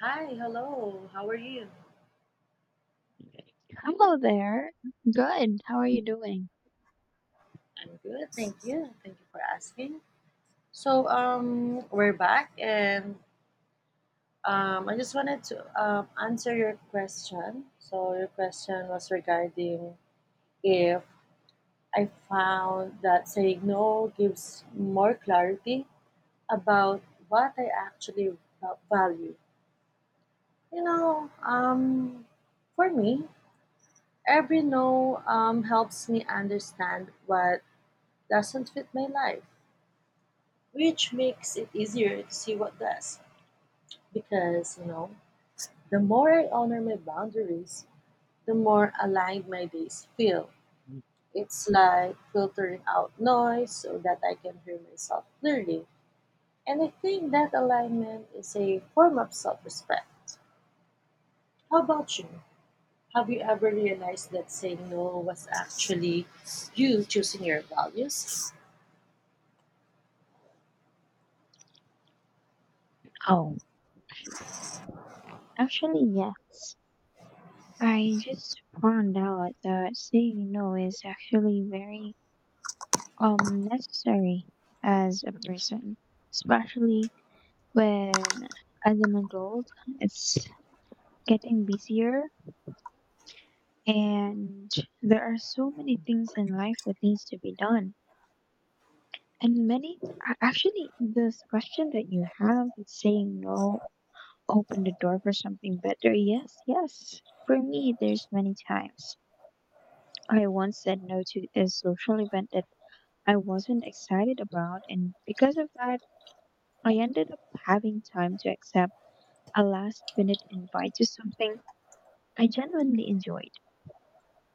Hi, hello. How are you? Hello there. Good. How are you doing? I'm good, thank you. Thank you for asking. So we're back, and I just wanted to answer your question. So, your question was regarding if I found that saying no gives more clarity about what I actually value. You know, um, for me, every no helps me understand what doesn't fit my life, which makes it easier to see what does. Because, you know, the more I honor my boundaries, the more aligned my days feel. It's like filtering out noise so that I can hear myself clearly. And I think that alignment is a form of self respect. How about you? Have you ever realized that saying no was actually you choosing your values? Oh, actually, yes. I just found out that saying no is actually very necessary as a person, especially when as an adult it's getting busier and there are so many things in life that needs to be done. And actually, this question that you have, saying no open the door for something better. Yes, yes. For me, there's many times. I once said no to a social event that I wasn't excited about, and because of that, I ended up having time to accept a last minute invite to something I genuinely enjoyed.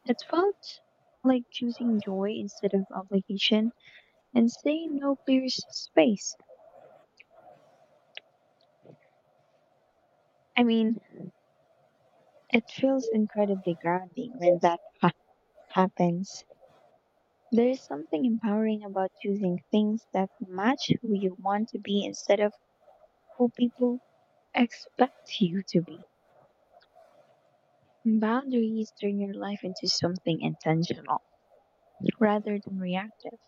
It felt like choosing joy instead of obligation and saying no clears space. I mean, it feels incredibly grounding when happens. There is something empowering about choosing things that match who you want to be instead of who people expect you to be. Boundaries turn your life into something intentional rather than reactive.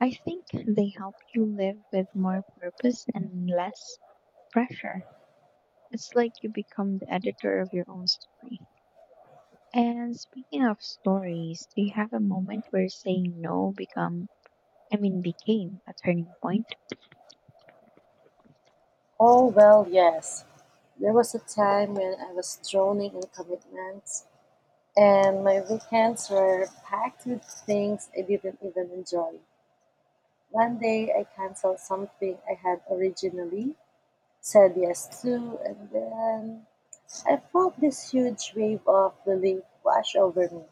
I think they help you live with more purpose and less pressure. It's like you become the editor of your own story. And speaking of stories, do you have a moment where saying no become I mean became a turning point? Oh, well, yes. There was a time when I was drowning in commitments, and my weekends were packed with things I didn't even enjoy. One day I canceled something I had originally said yes to, and then I felt this huge wave of relief wash over me.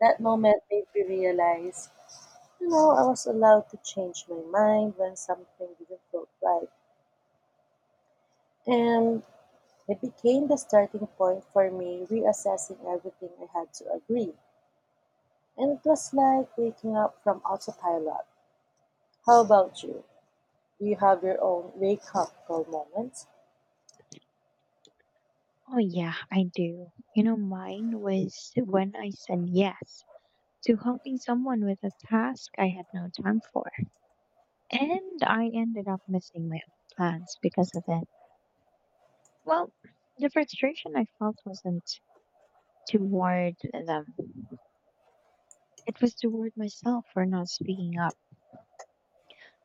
That moment made me realize, I was allowed to change my mind when something didn't feel right. And it became the starting point for me reassessing everything I had to agree. And it was like waking up from autopilot. How about you? Do you have your own wake up call moments? Oh, yeah, I do. You know, mine was when I said yes to helping someone with a task I had no time for. And I ended up missing my own plans because of it. Well, the frustration I felt wasn't toward them, it was toward myself for not speaking up.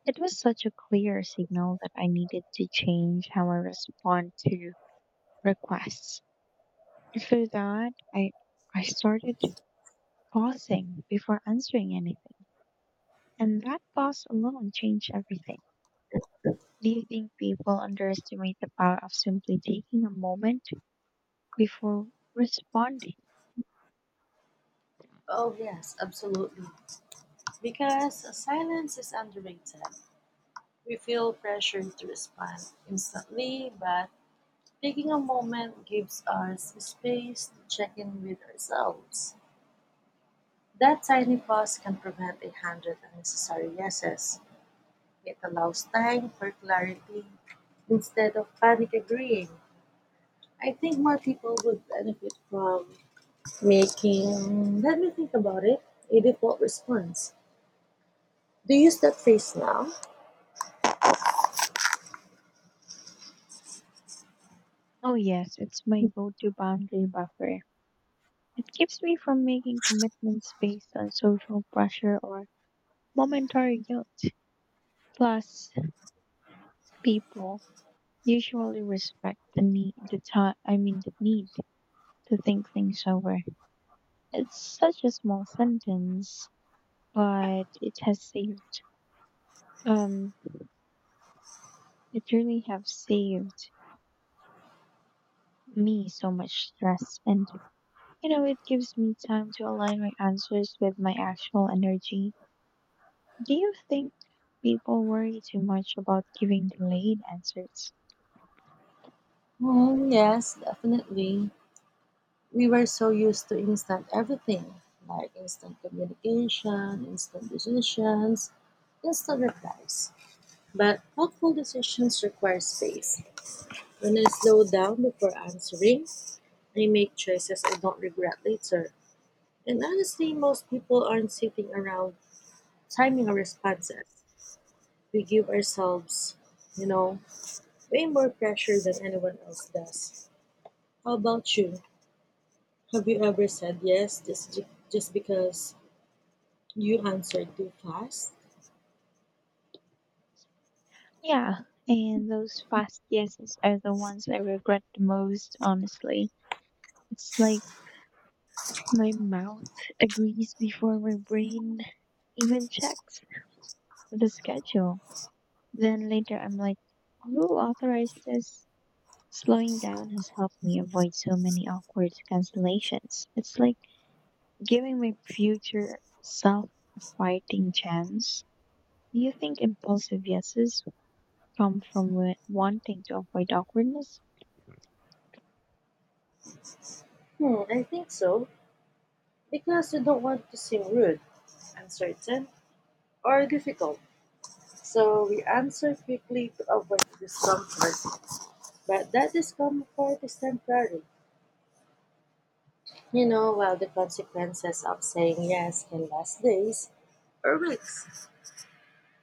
It was such a clear signal that I needed to change how I respond to requests. For that, I started pausing before answering anything. And that pause alone changed everything. Do you think people underestimate the power of simply taking a moment before responding? Oh, yes, absolutely. Because silence is underrated. We feel pressured to respond instantly, but taking a moment gives us space to check in with ourselves. That tiny pause can prevent a hundred unnecessary yeses. It allows time for clarity instead of panic agreeing. I think more people would benefit from making, let me think about it, a default response. Do you use that phrase now? Oh, yes, it's my go to boundary buffer. It keeps me from making commitments based on social pressure or momentary guilt. Plus, people usually respect the need, the time, I mean, the need to think things over. It's such a small sentence, but it has saved um It really have saved me so much stress, and you know it gives me time to align my answers with my actual energy. Do you think people worry too much about giving delayed answers? Hmm, yes, definitely. We were so used to instant everything, like instant communication, instant decisions, instant replies. But thoughtful decisions require space. When I slow down before answering, I make choices I don't regret later. And honestly, most people aren't sitting around timing our responses. We give ourselves, you know, way more pressure than anyone else does. How about you? Have you ever said yes just because you answered too fast? Yeah, and those fast yeses are the ones I regret the most, honestly. It's like my mouth agrees before my brain even checks the schedule. Then later I'm like, who authorized this? Slowing down has helped me avoid so many awkward cancellations. It's like giving my future self a fighting chance. Do you think impulsive yeses come from wanting to avoid awkwardness? Hmm, I think so. Because we don't want to seem rude, uncertain, or difficult. So we answer quickly to avoid discomfort. But that discomfort is temporary. While the consequences of saying yes can last days or weeks.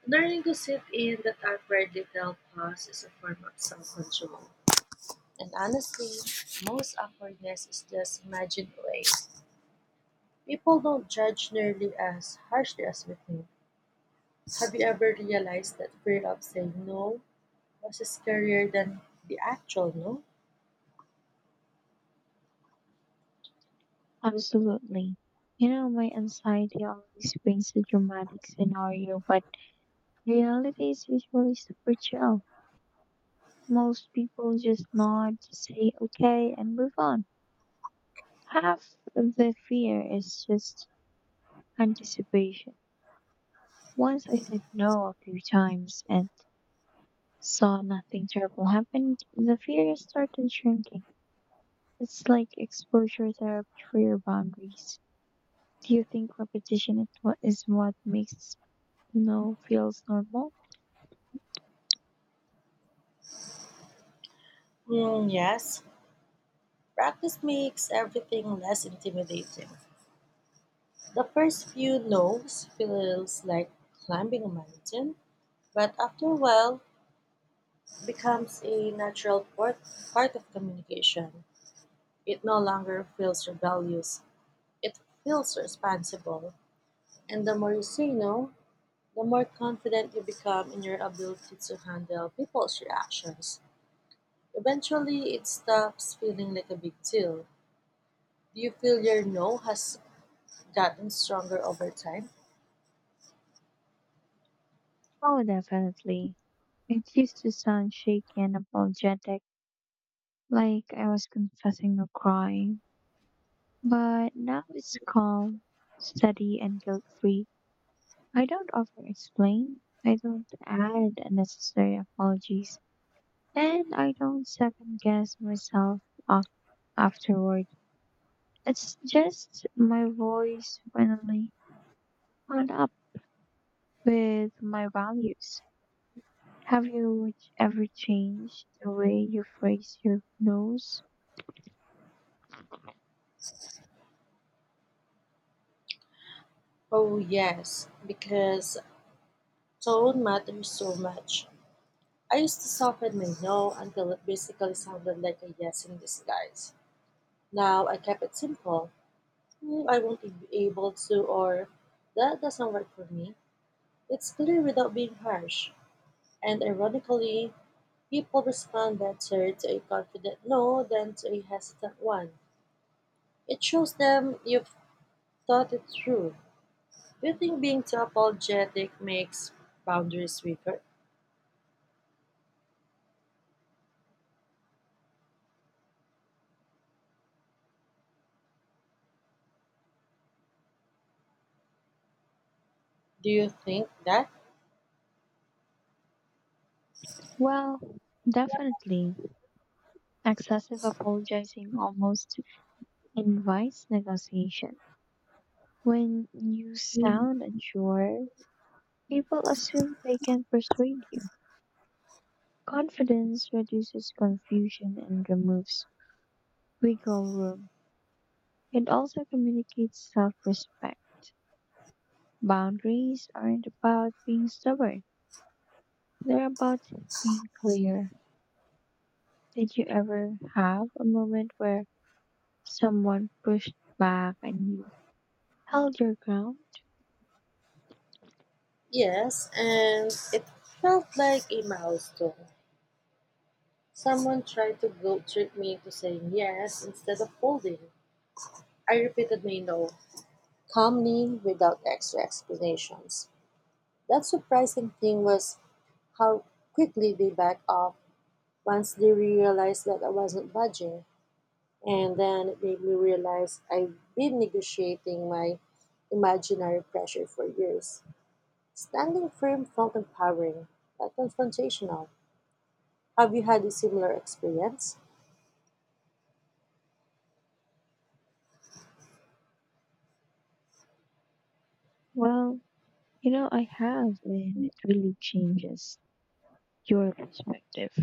Learning to sit in that awkward detailed pause is a form of self control. And honestly, most awkwardness is just imagined away. People don't judge nearly as harshly as we think. Have you ever realized that fear of saying no was scarier than the actual no? Absolutely. You know, my anxiety always brings a dramatic scenario, but reality is usually super chill. Most people just nod, say okay, and move on. Half of the fear is just anticipation. Once I said no a few times and saw nothing terrible happen, the fear started shrinking. It's like exposure therapy for your boundaries. Do you think repetition is what makes no feels normal? Hmm, yes. Practice makes everything less intimidating. The first few no's feels like climbing a mountain, but after a while, becomes a natural part of communication. It no longer feels rebellious, it feels responsible. And the more you say no, the more confident you become in your ability to handle people's reactions. Eventually, it stops feeling like a big deal. Do you feel your no has gotten stronger over time? Oh, definitely. It used to sound shaky and apologetic, like I was confessing a crime. But now it's calm, steady, and guilt free. I don't over explain, I don't add unnecessary apologies, and I don't second guess myself af- afterward. It's just my voice finally caught up with my values. Have you ever changed the way you phrase your no's? Oh, yes, because tone matters so much. I used to soften my no until it basically sounded like a yes in disguise. Now I kept it simple. "Hmm, I won't be able to," or "that doesn't work for me." It's clear without being harsh. And ironically, people respond better to a confident no than to a hesitant one. It shows them you've thought it through. Do you think being too apologetic makes boundaries weaker? Do you think that? Well, definitely. Excessive apologizing almost invites negotiation. When you sound unsure, people assume they can persuade you. Confidence reduces confusion and removes wiggle room. It also communicates self respect. Boundaries aren't about being stubborn, they're about being clear. Did you ever have a moment where someone pushed back and you held your ground? Yes, and it felt like a milestone. Someone tried to guilt trip me into saying yes instead of folding. I repeatedly no, calmly without extra explanations. That surprising thing was how quickly they backed off once they realized that I wasn't budging. And then it made me realize I've been negotiating my imaginary pressure for years. Standing firm felt empowering, but confrontational. Have you had a similar experience? Well, you know, I have, and it really changes your perspective.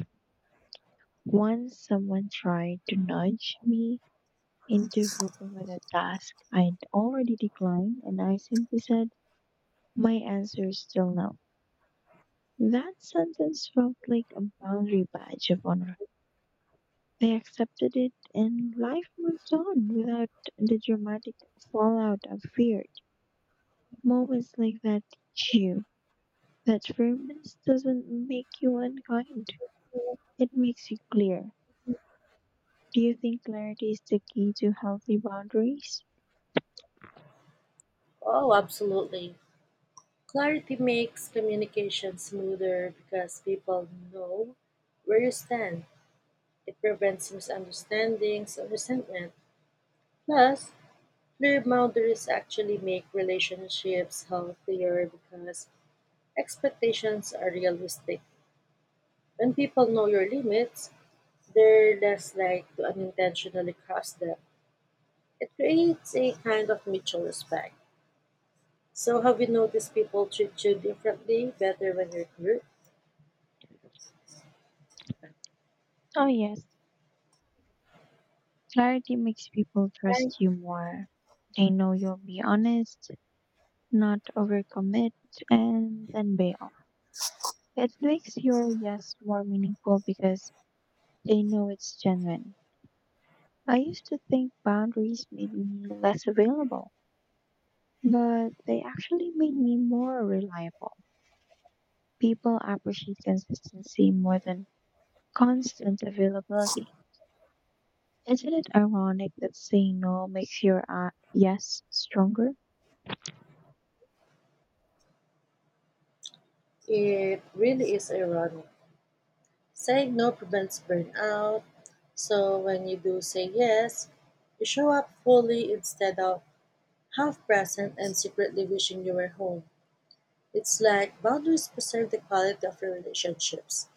Once someone tried to nudge me interviewing with a task I'd already declined, and I simply said, my answer is still no. That sentence felt like a boundary badge of honor. I accepted it, and life moved on without the dramatic fallout I feared. Moments like that teach you that firmness doesn't make you unkind, it makes you clear. Do you think clarity is the key to healthy boundaries? Oh, absolutely. Clarity makes communication smoother because people know where you stand. It prevents misunderstandings and resentment. Plus, clear boundaries actually make relationships healthier because expectations are realistic. When people know your limits, they're less likely to unintentionally cross them. It creates a kind of mutual respect. So, have you noticed people treat you differently better when you're clear? Oh, yes. Clarity makes people trust you more. They know you'll be honest, not overcommit, and then bail. It makes your yes more meaningful because they know it's genuine. I used to think boundaries made me less available, but they actually made me more reliable. People appreciate consistency more than constant availability. Isn't it ironic that saying no makes your yes stronger? It really is ironic. Saying no prevents burnout, so when you do say yes, you show up fully instead of half present and secretly wishing you were home. It's like boundaries preserve the quality of your relationships.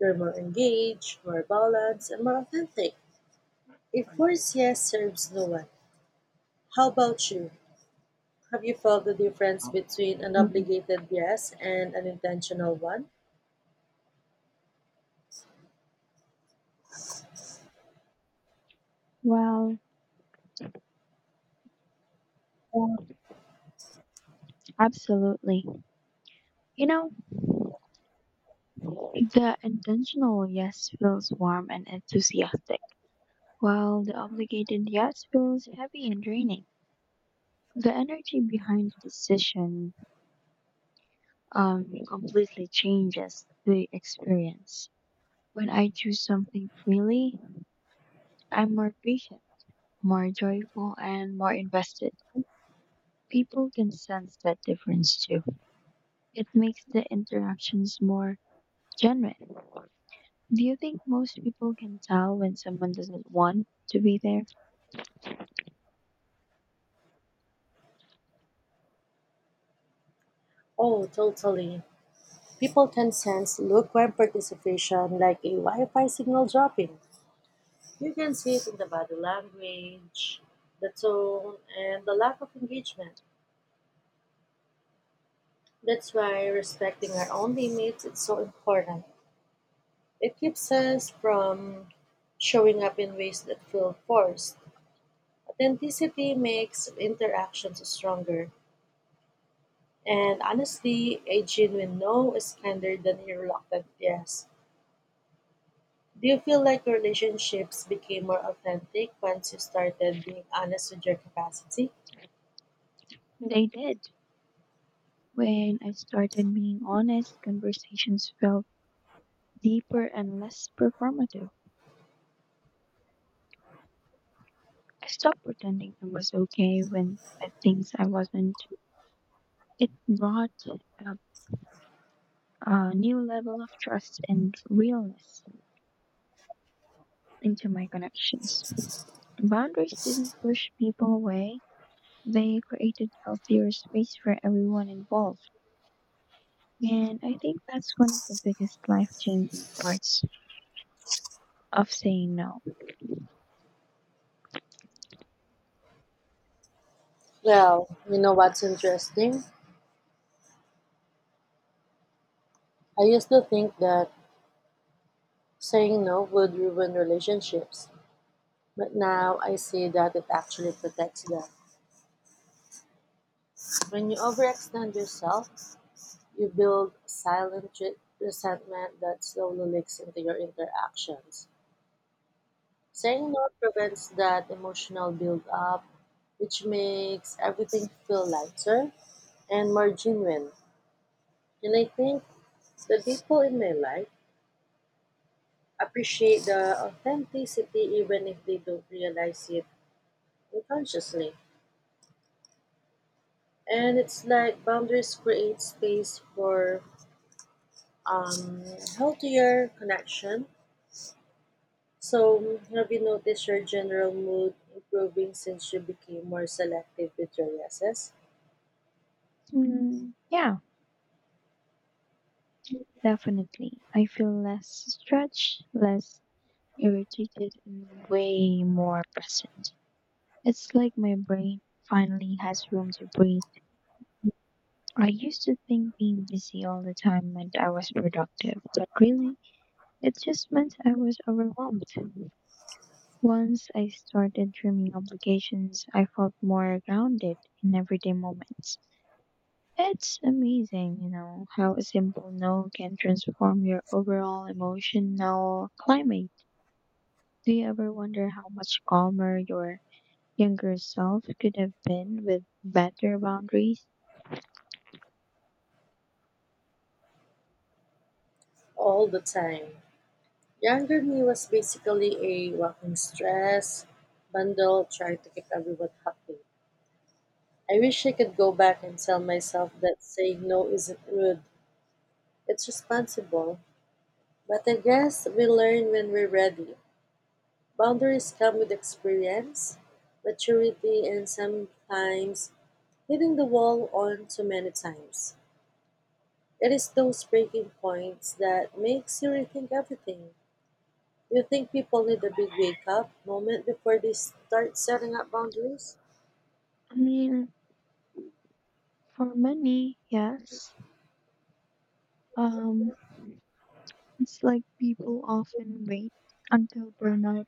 You're more engaged, more balanced, and more authentic. A forced yes serves no one. How about you? Have you felt the difference between an Mm-mm. obligated yes and an intentional one? Well, absolutely. You know, the intentional yes feels warm and enthusiastic, while the obligated yes feels heavy and draining. The energy behind the decision completely changes the experience. When I choose something freely, I'm more patient, more joyful, and more invested. People can sense that difference too. It makes the interactions more genuine. Do you think most people can tell when someone doesn't want to be there? Oh, totally. People can sense lukewarm participation like a Wi Fi signal dropping. You can see it in the body language, the tone, and the lack of engagement. That's why respecting our own limits is so important. It keeps us from showing up in ways that feel forced. Authenticity makes interactions stronger. And honestly, a genuine no is kinder than a reluctant yes. Do you feel like your relationships became more authentic once you started being honest with your capacity? They did. When I started being honest, conversations felt deeper and less performative. I stopped pretending I was okay when at things I wasn't. It brought a, a new level of trust and realness into my connections. Boundaries didn't push people away, they created healthier space for everyone involved. And I think that's one of the biggest life changing parts of saying no. Well, you know what's interesting? I used to think that saying no would ruin relationships, but now I see that it actually protects them. When you overextend yourself, you build silent resentment that slowly leaks into your interactions. Saying no prevents that emotional build up, which makes everything feel lighter and more genuine. And I think the people in my life appreciate the authenticity even if they don't realize it unconsciously. And it's like boundaries create space for um, healthier connection. So, have you noticed your general mood improving since you became more selective with your yeses? Mm, yeah, definitely. I feel less stretched, less irritated, and way more present. It's like my brain finally has room to breathe. I used to think being busy all the time meant I was productive, but really, it just meant I was overwhelmed. Once I started trimming obligations, I felt more grounded in everyday moments. It's amazing, you know, how a simple no can transform your overall emotional climate. Do you ever wonder how much calmer your younger self could have been with better boundaries? All the time. Younger me was basically a walking stress bundle trying to keep everyone happy. I wish I could go back and tell myself that saying no isn't rude, it's responsible. But I guess we learn when we're ready. Boundaries come with experience, maturity, and sometimes hitting the wall on too many times. It is those breaking points that makes you rethink everything. Do you think people need a big wake up moment before they start setting up boundaries? I mean, for many, yes. Um, It's like people often wait until burnout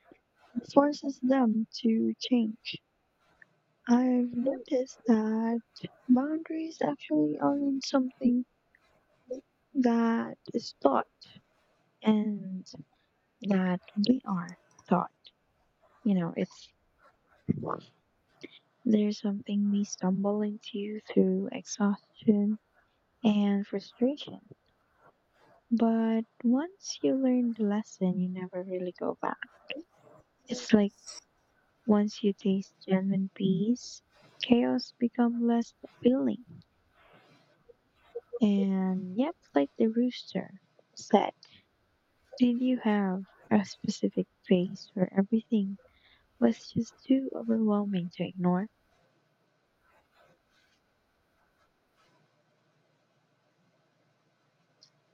forces them to change. I've noticed that boundaries actually aren't something that is taught and that we are taught. You know, it's there's something we stumble into through exhaustion and frustration. But once you learn the lesson, you never really go back. It's like once you taste genuine peace, chaos become less appealing. And yep, like the rooster said, did you have a specific phase where everything was just too overwhelming to ignore?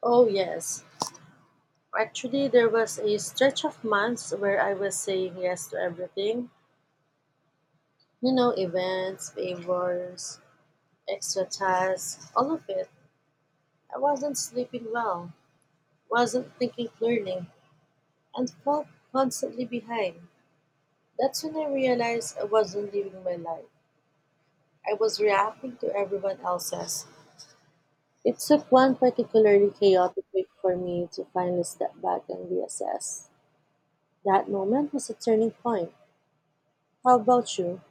Oh, yes. Actually, there was a stretch of months where I was saying yes to everything. You know, events, favors, extra tasks, all of it. I wasn't sleeping well, wasn't thinking clearly, and felt constantly behind. That's when I realized I wasn't living my life. I was reacting to everyone else's. It took one particularly chaotic week for me to finally step back and reassess. That moment was a turning point. How about you?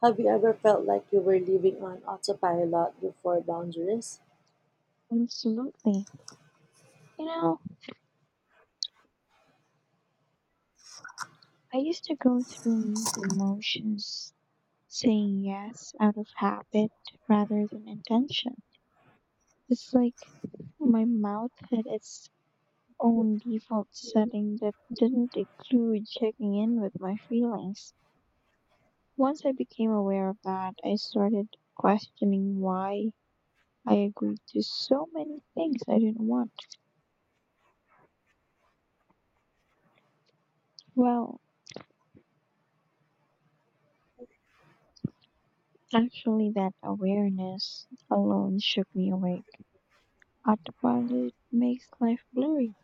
Have you ever felt like you were living on autopilot before boundaries? Absolutely. You know, I used to go through the motions saying yes out of habit rather than intention. It's like my mouth had its own default setting that didn't include checking in with my feelings. Once I became aware of that, I started questioning why I agreed to so many things I didn't want. Well, actually, that awareness alone shook me awake. Autopilot makes life blurry.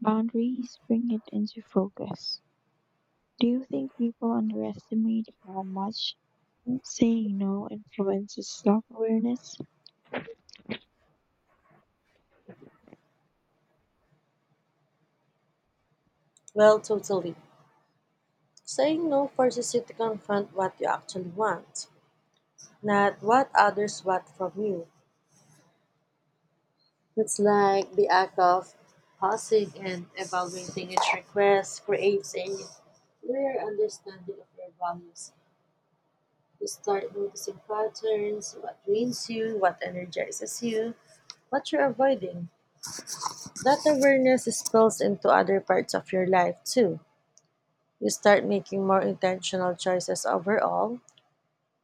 Boundaries bring it into focus. Do you think people underestimate how much saying no influences self awareness? Well, totally. Saying no forces you to confront what you actually want, not what others want from you. It's like the act of pausing and evaluating each request creates a clear understanding of your values. You start noticing patterns, what drains you, what energizes you, what you're avoiding. That awareness spills into other parts of your life too. You start making more intentional choices overall.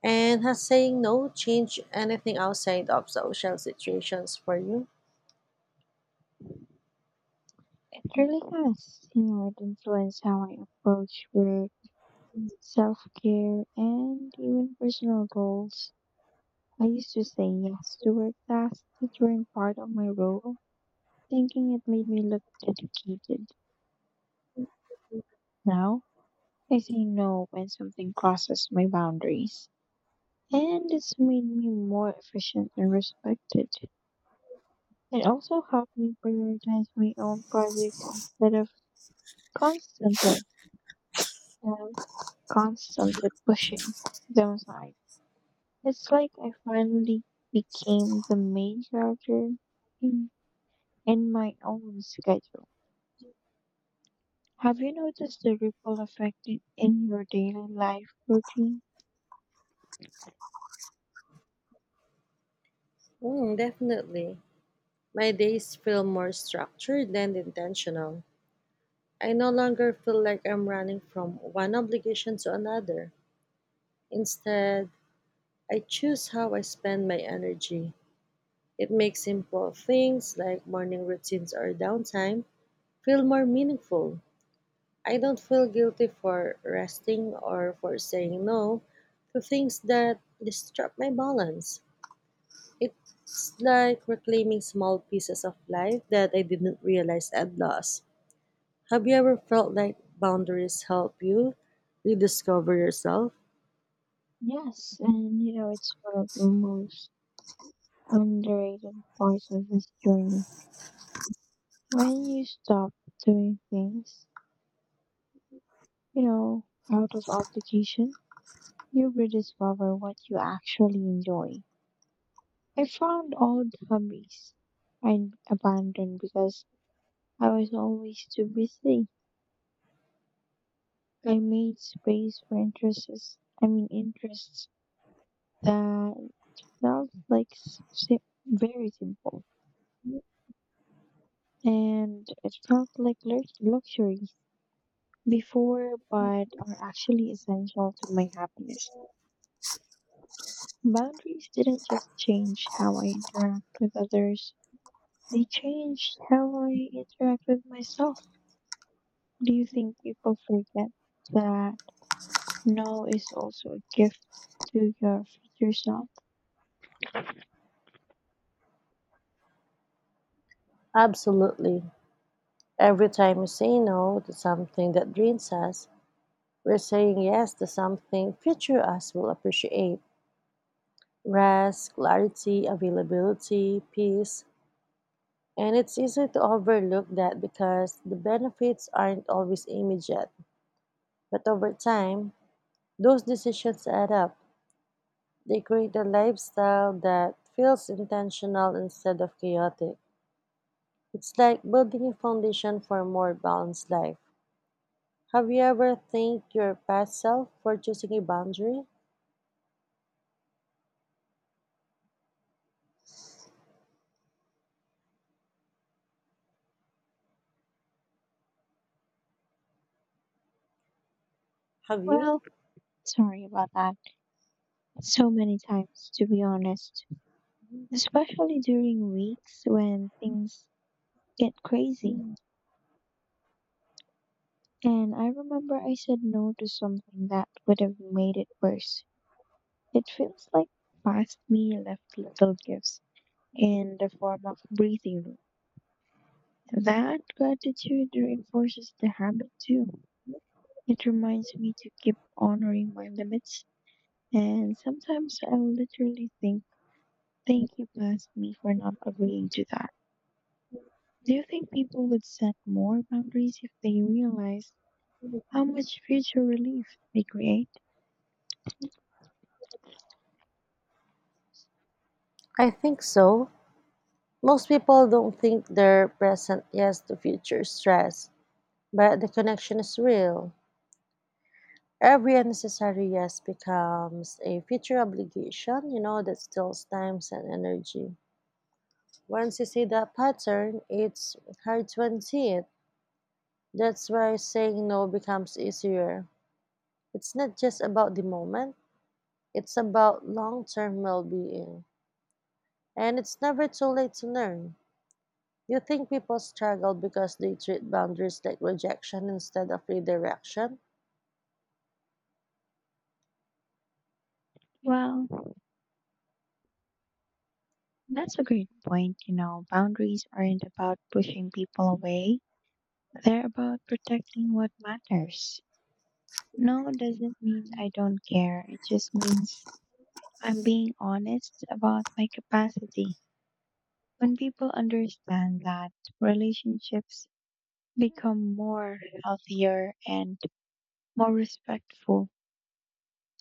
And has saying no changed anything outside of social situations for you? It really has. You know, it influenced how I approach work, self care, and even personal goals. I used to say yes to work tasks that weren't part of my role, thinking it made me look dedicated. Now, I say no when something crosses my boundaries. And it's made me more efficient and respected. It also helped me prioritize my own projects instead of constantly, um, constantly pushing them aside. It's like I finally became the main character in, in my own schedule. Have you noticed the ripple effect in your daily life routine? Mm, definitely. My days feel more structured and intentional. I no longer feel like I'm running from one obligation to another. Instead, I choose how I spend my energy. It makes simple things like morning routines or downtime feel more meaningful. I don't feel guilty for resting or for saying no to things that disrupt my balance. It's like reclaiming small pieces of life that I didn't realize I'd lost. Have you ever felt like boundaries help you rediscover yourself? Yes, and you know, it's one of the most underrated parts of this journey. When you stop doing things, you know, out of obligation, you rediscover what you actually enjoy. I found old hobbies I abandoned because I was always too busy. I made space for interests that felt like very simple, and it felt like luxuries before, but are actually essential to my happiness. Boundaries didn't just change how I interact with others; they changed how I interact with myself. Do you think people forget that no is also a gift to your future self? Absolutely. Every time we say no to something that drains us, we're saying yes to something future us will appreciate. Rest, clarity, availability, peace. And it's easy to overlook that because the benefits aren't always immediate. But over time, those decisions add up. They create a lifestyle that feels intentional instead of chaotic. It's like building a foundation for a more balanced life. Have you ever thanked your past self for choosing a boundary? Have you? Well, sorry about that. So many times, to be honest, especially during weeks when things get crazy. And I remember I said no to something that would have made it worse. It feels like past me left little gifts in the form of breathing room. That gratitude reinforces the habit too. It reminds me to keep honoring my limits. And sometimes I'll literally think, thank you, bless me, for not agreeing to that. Do you think people would set more boundaries if they realized how much future relief they create? I think so. Most people don't think they're present yes to future stress, but the connection is real. Every unnecessary yes becomes a future obligation, that steals time and energy. Once you see that pattern, it's hard to unsee it. That's why saying no becomes easier. It's not just about the moment, it's about long term well being. And it's never too late to learn. You think people struggle because they treat boundaries like rejection instead of redirection? Well, that's a great point. You know, boundaries aren't about pushing people away, they're about protecting what matters. No doesn't mean I don't care, it just means I'm being honest about my capacity. When people understand that, relationships become more healthier and more respectful.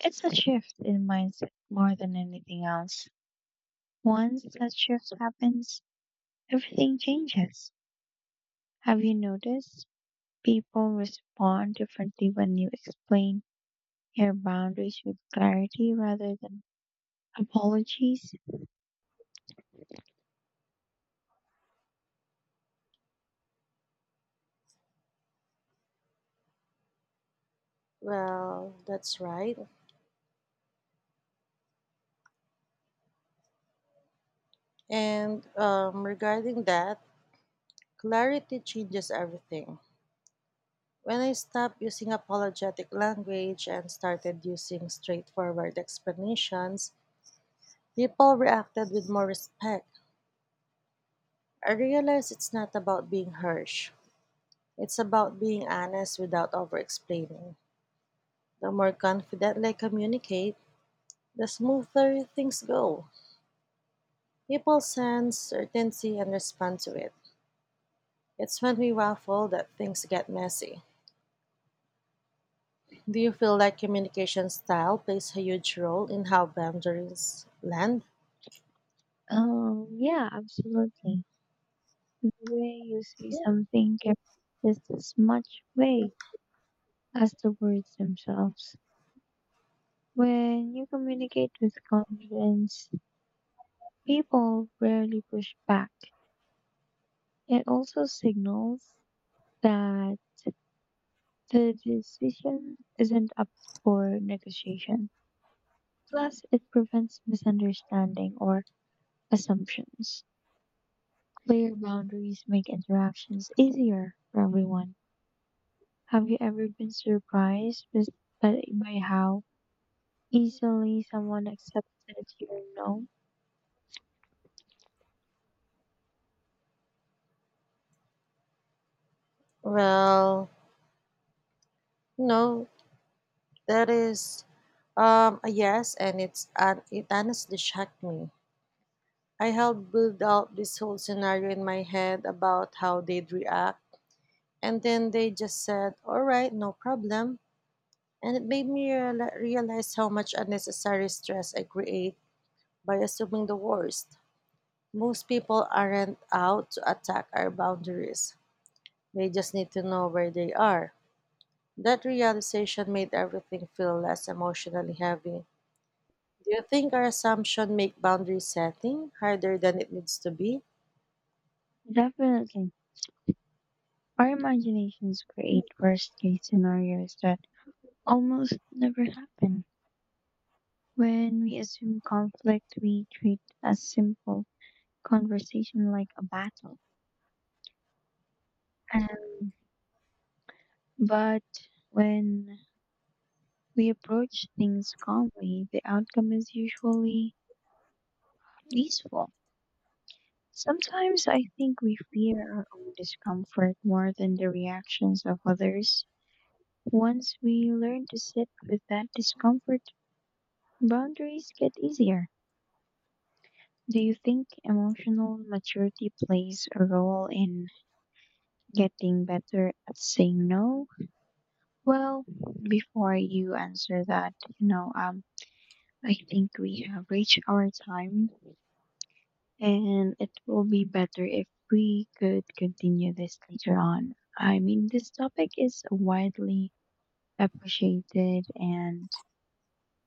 It's a shift in mindset more than anything else. Once that shift happens, everything changes. Have you noticed people respond differently when you explain your boundaries with clarity rather than apologies? Well, that's right. And regarding that, clarity changes everything. When I stopped using apologetic language and started using straightforward explanations, people reacted with more respect. I realized it's not about being harsh, it's about being honest without over explaining. The more confidently I communicate, the smoother things go. People sense certainty and respond to it. It's when we waffle that things get messy. Do you feel like communication style plays a huge role in how boundaries land? Oh, yeah, absolutely. The way you say something can be just as much weight as the words themselves. When you communicate with confidence, people rarely push back. It also signals that the decision isn't up for negotiation. Plus, it prevents misunderstanding or assumptions. Clear boundaries make interactions easier for everyone. Have you ever been surprised by how easily someone accepted your no? Well, no, that is a yes, and it honestly shocked me. I helped build out this whole scenario in my head about how they'd react, and then they just said, "All right, no problem," and it made me realize how much unnecessary stress I create by assuming the worst. Most people aren't out to attack our boundaries. They just need to know where they are. That realization made everything feel less emotionally heavy. Do you think our assumption make boundary setting harder than it needs to be? Definitely. Our imaginations create worst case scenarios that almost never happen. When we assume conflict, we treat a simple conversation like a battle. Um, but when we approach things calmly, the outcome is usually peaceful. Sometimes I think we fear our own discomfort more than the reactions of others. Once we learn to sit with that discomfort, boundaries get easier. Do you think emotional maturity plays a role in getting better at saying no? Well, before you answer that, you know, I think we have reached our time and it will be better if we could continue this later on. I mean, this topic is widely appreciated and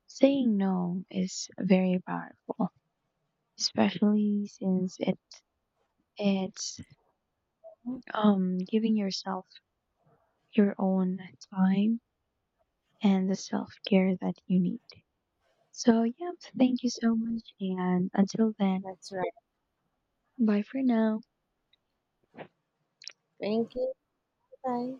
saying no is very powerful, especially since it it's Mm, um giving yourself your own time and the self-care that you need. So, yep, thank you so much. And until then, that's right. bye for now. Thank you. Bye.